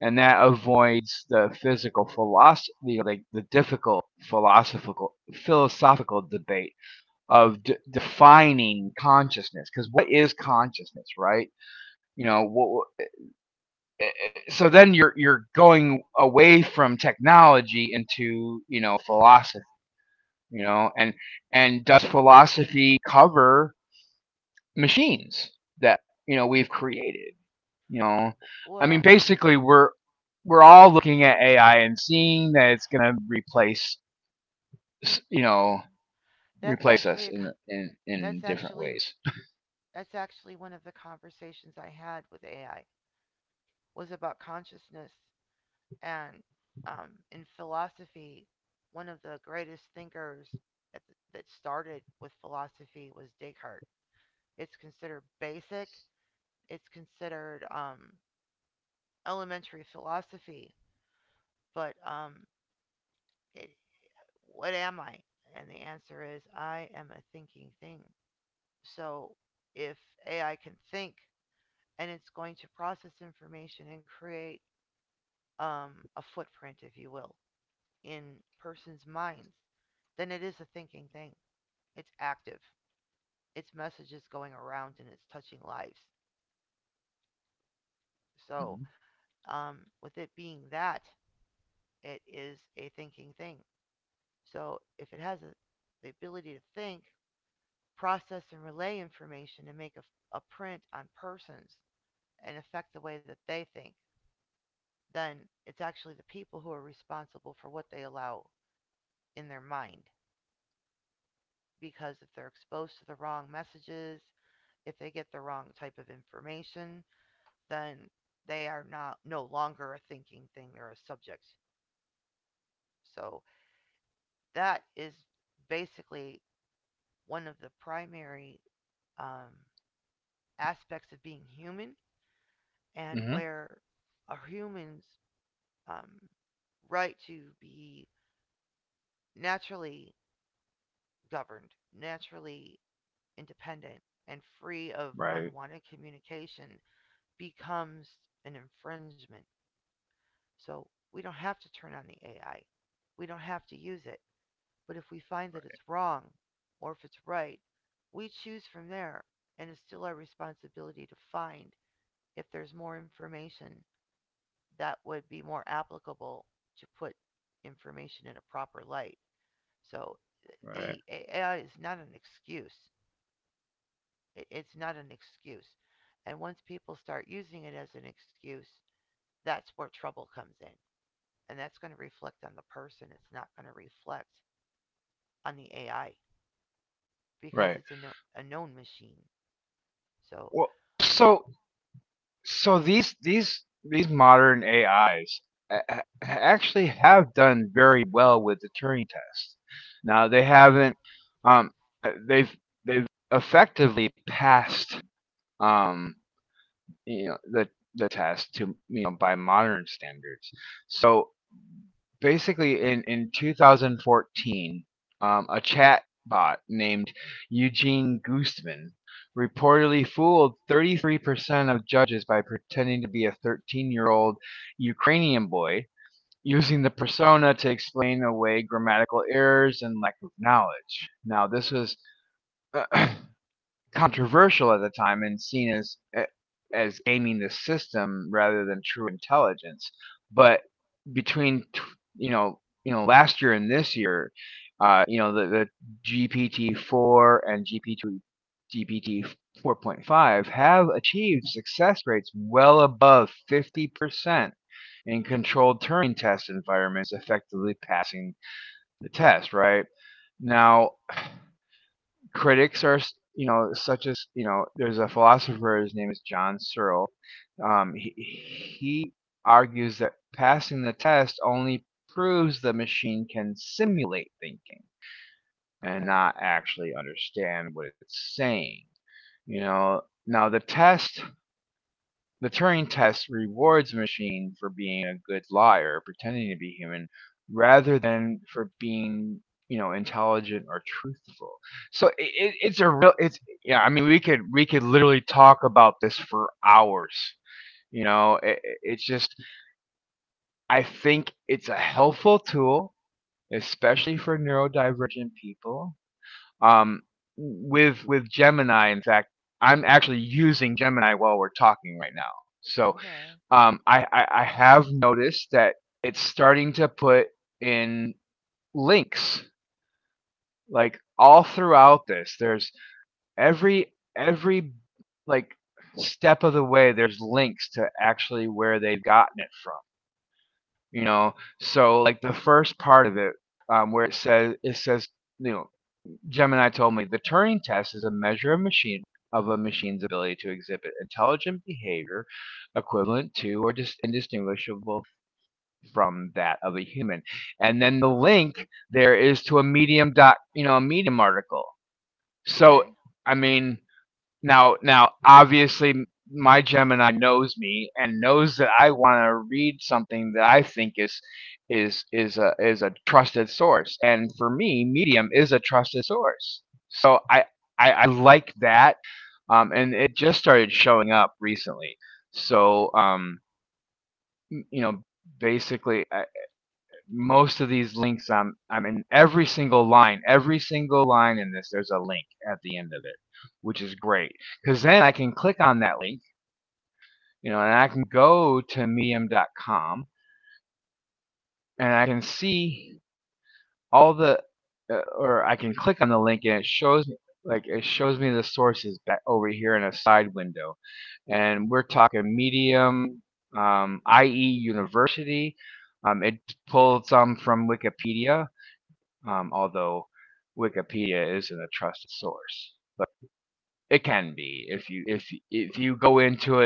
and that avoids the physical philosophy, like the difficult philosophical philosophical debate of defining consciousness. Because what is consciousness, right? You know what, so then you're going away from technology into, you know, philosophy, you know, and does philosophy cover machines that, you know, we've created, you know? I mean,
Well,
basically, we're all looking at AI and seeing that it's going to replace, you know,
that's
replace
actually a
us in
That's
different
actually
ways.
one of the conversations I had with AI was about consciousness and in philosophy, one of the greatest thinkers that, that started with philosophy was Descartes. It's considered basic. It's considered elementary philosophy. But it, what am I? And the answer is I am a thinking thing. So if AI can think, and it's going to process information and create a footprint, if you will, in persons' minds, then it is a thinking thing. It's active. Its message is going around and it's touching lives.
Mm-hmm.
So, with it being that, it is a thinking thing. So, if it has the ability to think, process, and relay information and make a print on persons and affect the way that they think, then it's actually the people who are responsible for what they allow in their mind because if they're exposed to the wrong messages, if they get the wrong type of information, then they are not no longer a thinking thing, they're a subject. So that is basically one of the primary um, aspects of being human and
Mm-hmm.
where a human's um, right to be naturally governed, naturally independent, and free of
Right,
unwanted communication becomes an infringement. So we don't have to turn on the AI. We don't have to use it. But if we find that it's wrong or if it's right, we choose from there. And it's still our responsibility to find if there's more information that would be more applicable to put information in a proper light. So
right,
the AI is not an excuse. It's not an excuse. And once people start using it as an excuse, that's where trouble comes in. And that's going to reflect on the person. It's not going to reflect on the AI because
right.
it's a, no- a known machine. So,
Well, so So these these modern AIs actually have done very well with the Turing test. Now they haven't, um they've they've effectively passed, um you know, the test to you know by modern standards. So basically, in 2014, a chat bot named Eugene Gooseman reportedly fooled 33% of judges by pretending to be a 13-year-old Ukrainian boy, using the persona to explain away grammatical errors and lack of knowledge. Now, this was uh, controversial at the time and seen as gaming the system rather than true intelligence. But between, you know last year and this year, you know, the GPT four and GPT 4.5 have achieved success rates well above 50% in controlled Turing test environments, effectively passing the test. Right now, critics are, you know, such as, you know, there's a philosopher, his name is John Searle, he argues that passing the test only proves the machine can simulate thinking and
okay,
not actually understand what it's saying. You know, now the Turing test rewards machine for being a good liar, pretending to be human, rather than for being, you know, intelligent or truthful. So it's a real, it's yeah. I mean, we could literally talk about this for hours. You know, it- it's just I think it's a helpful tool, especially for neurodivergent people. Um, with Gemini, in fact, I'm actually using Gemini while we're talking right now. So,
okay,
I have noticed that it's starting to put in links like all throughout this. There's every like step of the way. There's links to actually where they've gotten it from. You know, so like the first part of it, where it says, you know, Gemini told me the Turing test is a measure of machine, of a machine's ability to exhibit intelligent behavior equivalent to or indistinguishable from that of a human. And then the link there is to a medium dot, you know, a medium article. So
okay,
I mean, now, obviously, my Gemini knows me and knows that I want to read something that I think is a trusted source. And for me, Medium is a trusted source. So I like that. And it just started showing up recently. So, you know, basically, most of these links, I'm in every single line, in this there's a link at the end of it, which is great, cuz then I can click on that link, you know, and I can go to medium.com and I can see all the or I can click on the link and it shows me the sources back over here in a side window. And we're talking medium, IE University, it pulled some from Wikipedia, although Wikipedia isn't a trusted source, but it can be if you go into it,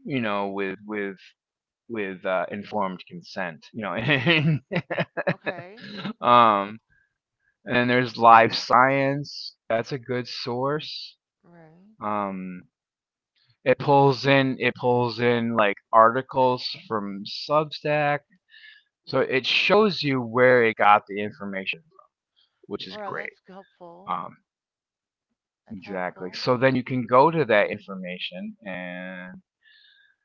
you know, with informed consent, you know.
okay,
um, and then there's Live Science. That's a good source.
right.
Um, it pulls in it pulls in like articles from Substack, so it shows you where it got the information, which is
Well,
great.
that's helpful.
Um,
That's
Exactly.
helpful.
So then you can go to that information, and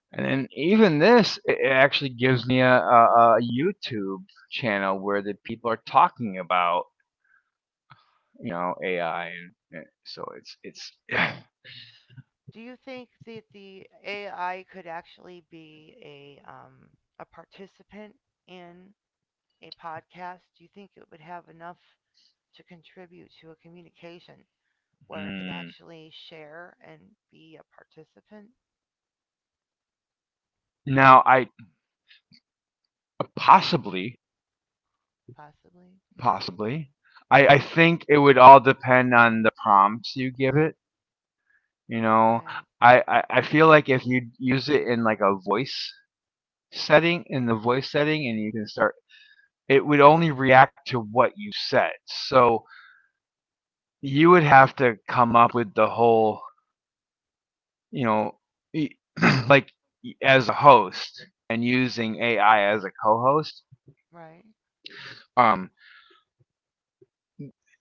then even this, it actually gives me a, a YouTube channel where the people are talking about AI, and so it's
Do you think that the AI could actually be a participant in a podcast? Do you think it would have enough to contribute to a communication where it could
Hmm.
actually share and be a participant,
Now I, possibly,
possibly?
possibly I think it would all depend on the prompts you give it. You know,
Right,
I feel like if you use it in like a voice setting, and you can start, it would only react to what you said. So you would have to come up with the whole, you know, like as a host and using AI as a co-host.
right,
Um,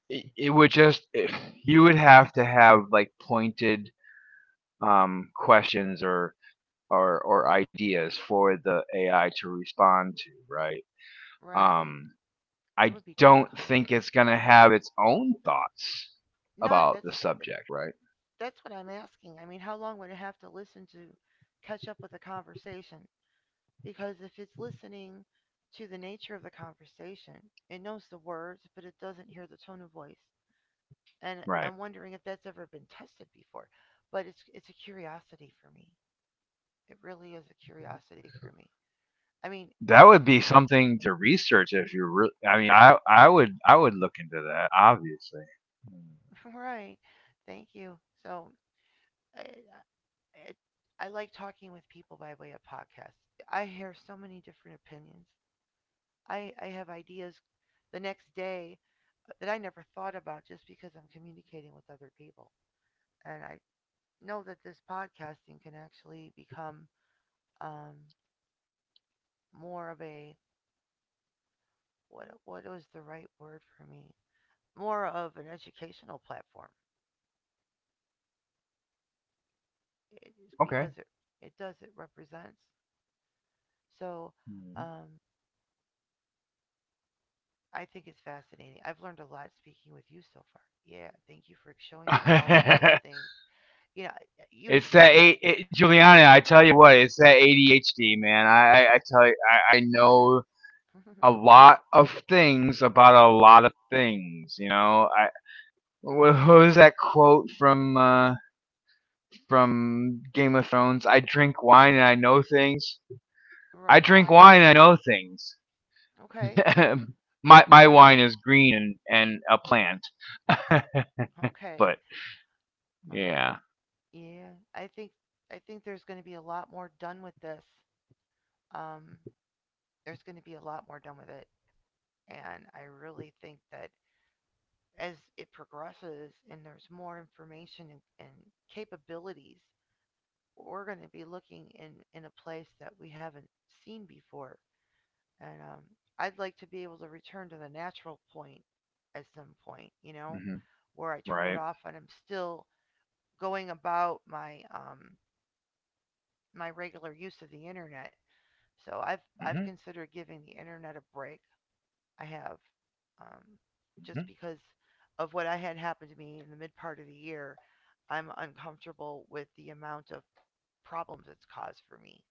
it would just you would have to have like pointed questions or or ideas for the AI to respond to, right?
right.
Um,
It
I
would be
don't
difficult.
think it's going to have its own thoughts
Not
about the
that-
subject, right?
that's what I'm asking. I mean, how long would it have to listen to catch up with the conversation? Because if it's listening to the nature of the conversation, it knows the words, but it doesn't hear the tone of voice. And
Right.
I'm wondering if that's ever been tested before. But it's a curiosity for me. It really is a curiosity for me. I mean,
That would be something to research if you really. I mean, I would look into that obviously.
right. Thank you. So, I, it, I like talking with people by way of podcasts. I hear so many different opinions. I have ideas the next day that I never thought about just because I'm communicating with other people. And I know that this podcasting can actually become um, more of a what was the right word for me? More of an educational platform it is
Okay.
because it represents. So um, I think it's fascinating. I've learned a lot speaking with you so far. Yeah, thank you for showing me all of those things. You know, you
it's
seem to
that
be.
A- it, Juliana, I tell you what, it's that ADHD, man. I tell you, I know a lot of things about a lot of things. You know, I, what was that quote from? From Game of Thrones. I drink wine and I know things.
Oh,
I
I
drink
heard
wine
that.
and I know things.
Okay.
My
Uh,
wine is green and, a plant.
okay.
But
Well,
yeah.
yeah. I think there's going to be a lot more done with this. Um, there's going to be a lot more done with it, and I really think that as it progresses and there's more information and capabilities we're going to be looking in a place that we haven't seen before, and I'd like to be able to return to the natural point at some point, you know,
Hmm.
where I turn it
Right.
off and I'm still going about my my regular use of the internet. So I've
hmm
considered giving the internet a break. I have, um, just
hmm
because of what I had happened to me in the mid part of the year, I'm uncomfortable with the amount of problems it's caused for me.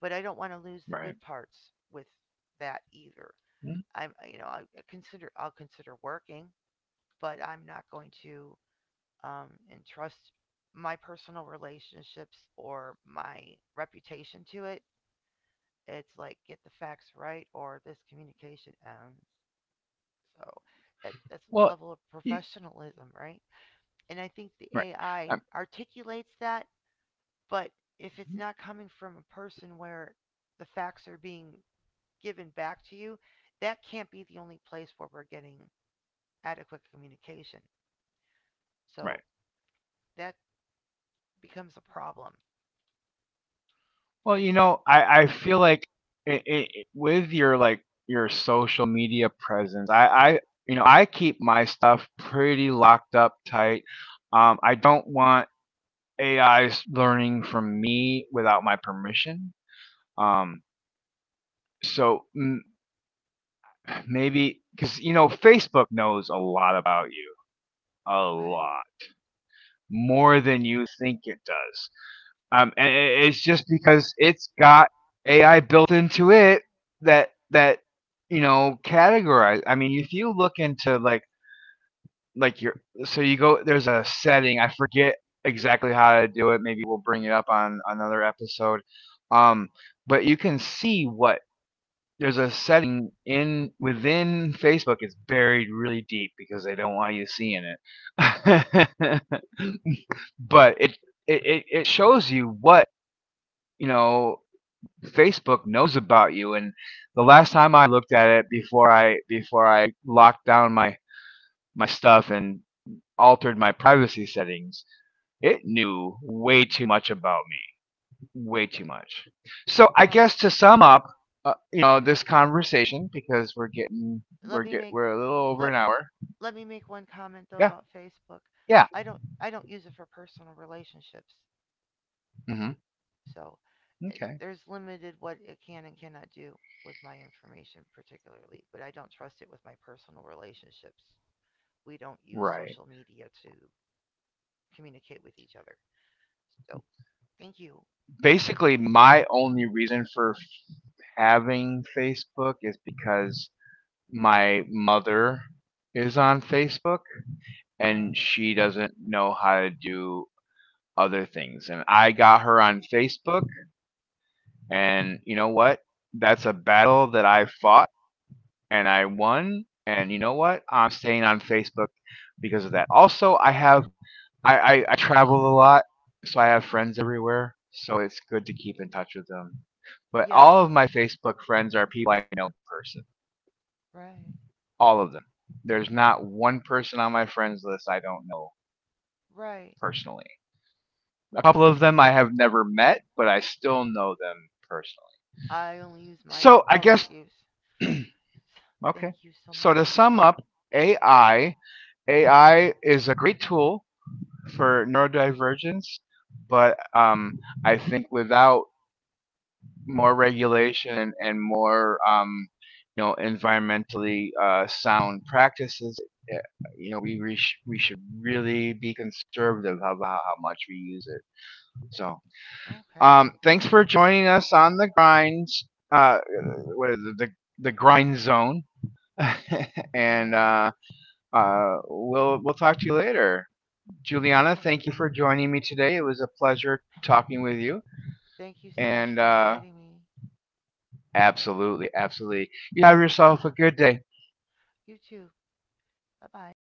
But I don't want to lose the
right.
good parts with that either.
Mhm.
I'm, you know, I'll consider working, but I'm not going to entrust my personal relationships or my reputation to it. It's like get the facts right or this communication ends. So that's a
Well,
level of
y-
professionalism, right? And I think the
right,
AI
um,
articulates that, but if
mhm,
it's not coming from a person where the facts are being given back to you, that can't be the only place where we're getting adequate communication. So
right.
that becomes a problem.
Well,
It's
you
stu-
know, I feel like with your social media presence, I, you know, I keep my stuff pretty locked up tight. I don't want A is learning from me without my permission. Um, so maybe, because you know Facebook knows a lot about you, a
okay.
lot more than you think it does. And it's just because it's got AI built into it, that you know categorize. I mean, if you look into like your, so you go, there's a setting, I forget exactly how to do it, maybe we'll bring it up on another episode. um but you can see what, there's a setting in within Facebook, it's buried really deep because they don't want you seeing it. But it it shows you what, you know, Facebook knows about you. And the last time I looked at it, before I locked down my stuff and altered my privacy settings, it knew way too
Hmm.
much about me, way too much. So I
Well,
guess, to sum up, you know, this conversation, because we're getting,
let me make
we're a little over an
let
hour.
let me make one comment though
Yeah,
about Facebook.
yeah.
I don't use it for personal relationships.
Mm-hmm.
So eh,
Okay,
there's limited what it can and cannot do with my information particularly, but I don't trust it with my personal relationships. We don't use
right.
social media to communicate with each other. So, thank you. Thank you.
Basically, my only reason for having Facebook is because my mother is on Facebook,
Uh
and
huh.
she doesn't know how to do other things. And I got her on Facebook, and you know what? That's a battle that I fought and I won. And you know what? I'm staying on Facebook because of that. Also, I have, I travel a lot, so I have friends everywhere. So it's good to keep in touch with them. But
Yes.
all of my Facebook friends are people I know in person.
Right.
All of them. There's not one person on my friends list I don't know
Right.
personally. A
Right.
couple of them I have never met, but I still know them personally.
I only use mine for
So I
public
guess
use.
okay.
Thank you so
So to
much.
sum up, AI AI is a great tool for neurodivergence, but I think without more regulation and more, you know, environmentally sound practices, eh, you know, we should really be conservative about how much we use it. So
Okay.
thanks for joining us on the grinds. Uh, what is the grind zone. And
Right.
we'll talk to you later,
Thank you so.
Juliana. Thank you for joining me today. It was a pleasure talking with you.
Thank you so much for
And
inviting me.
absolutely, absolutely, you have yourself a good day.
You too. Bye bye.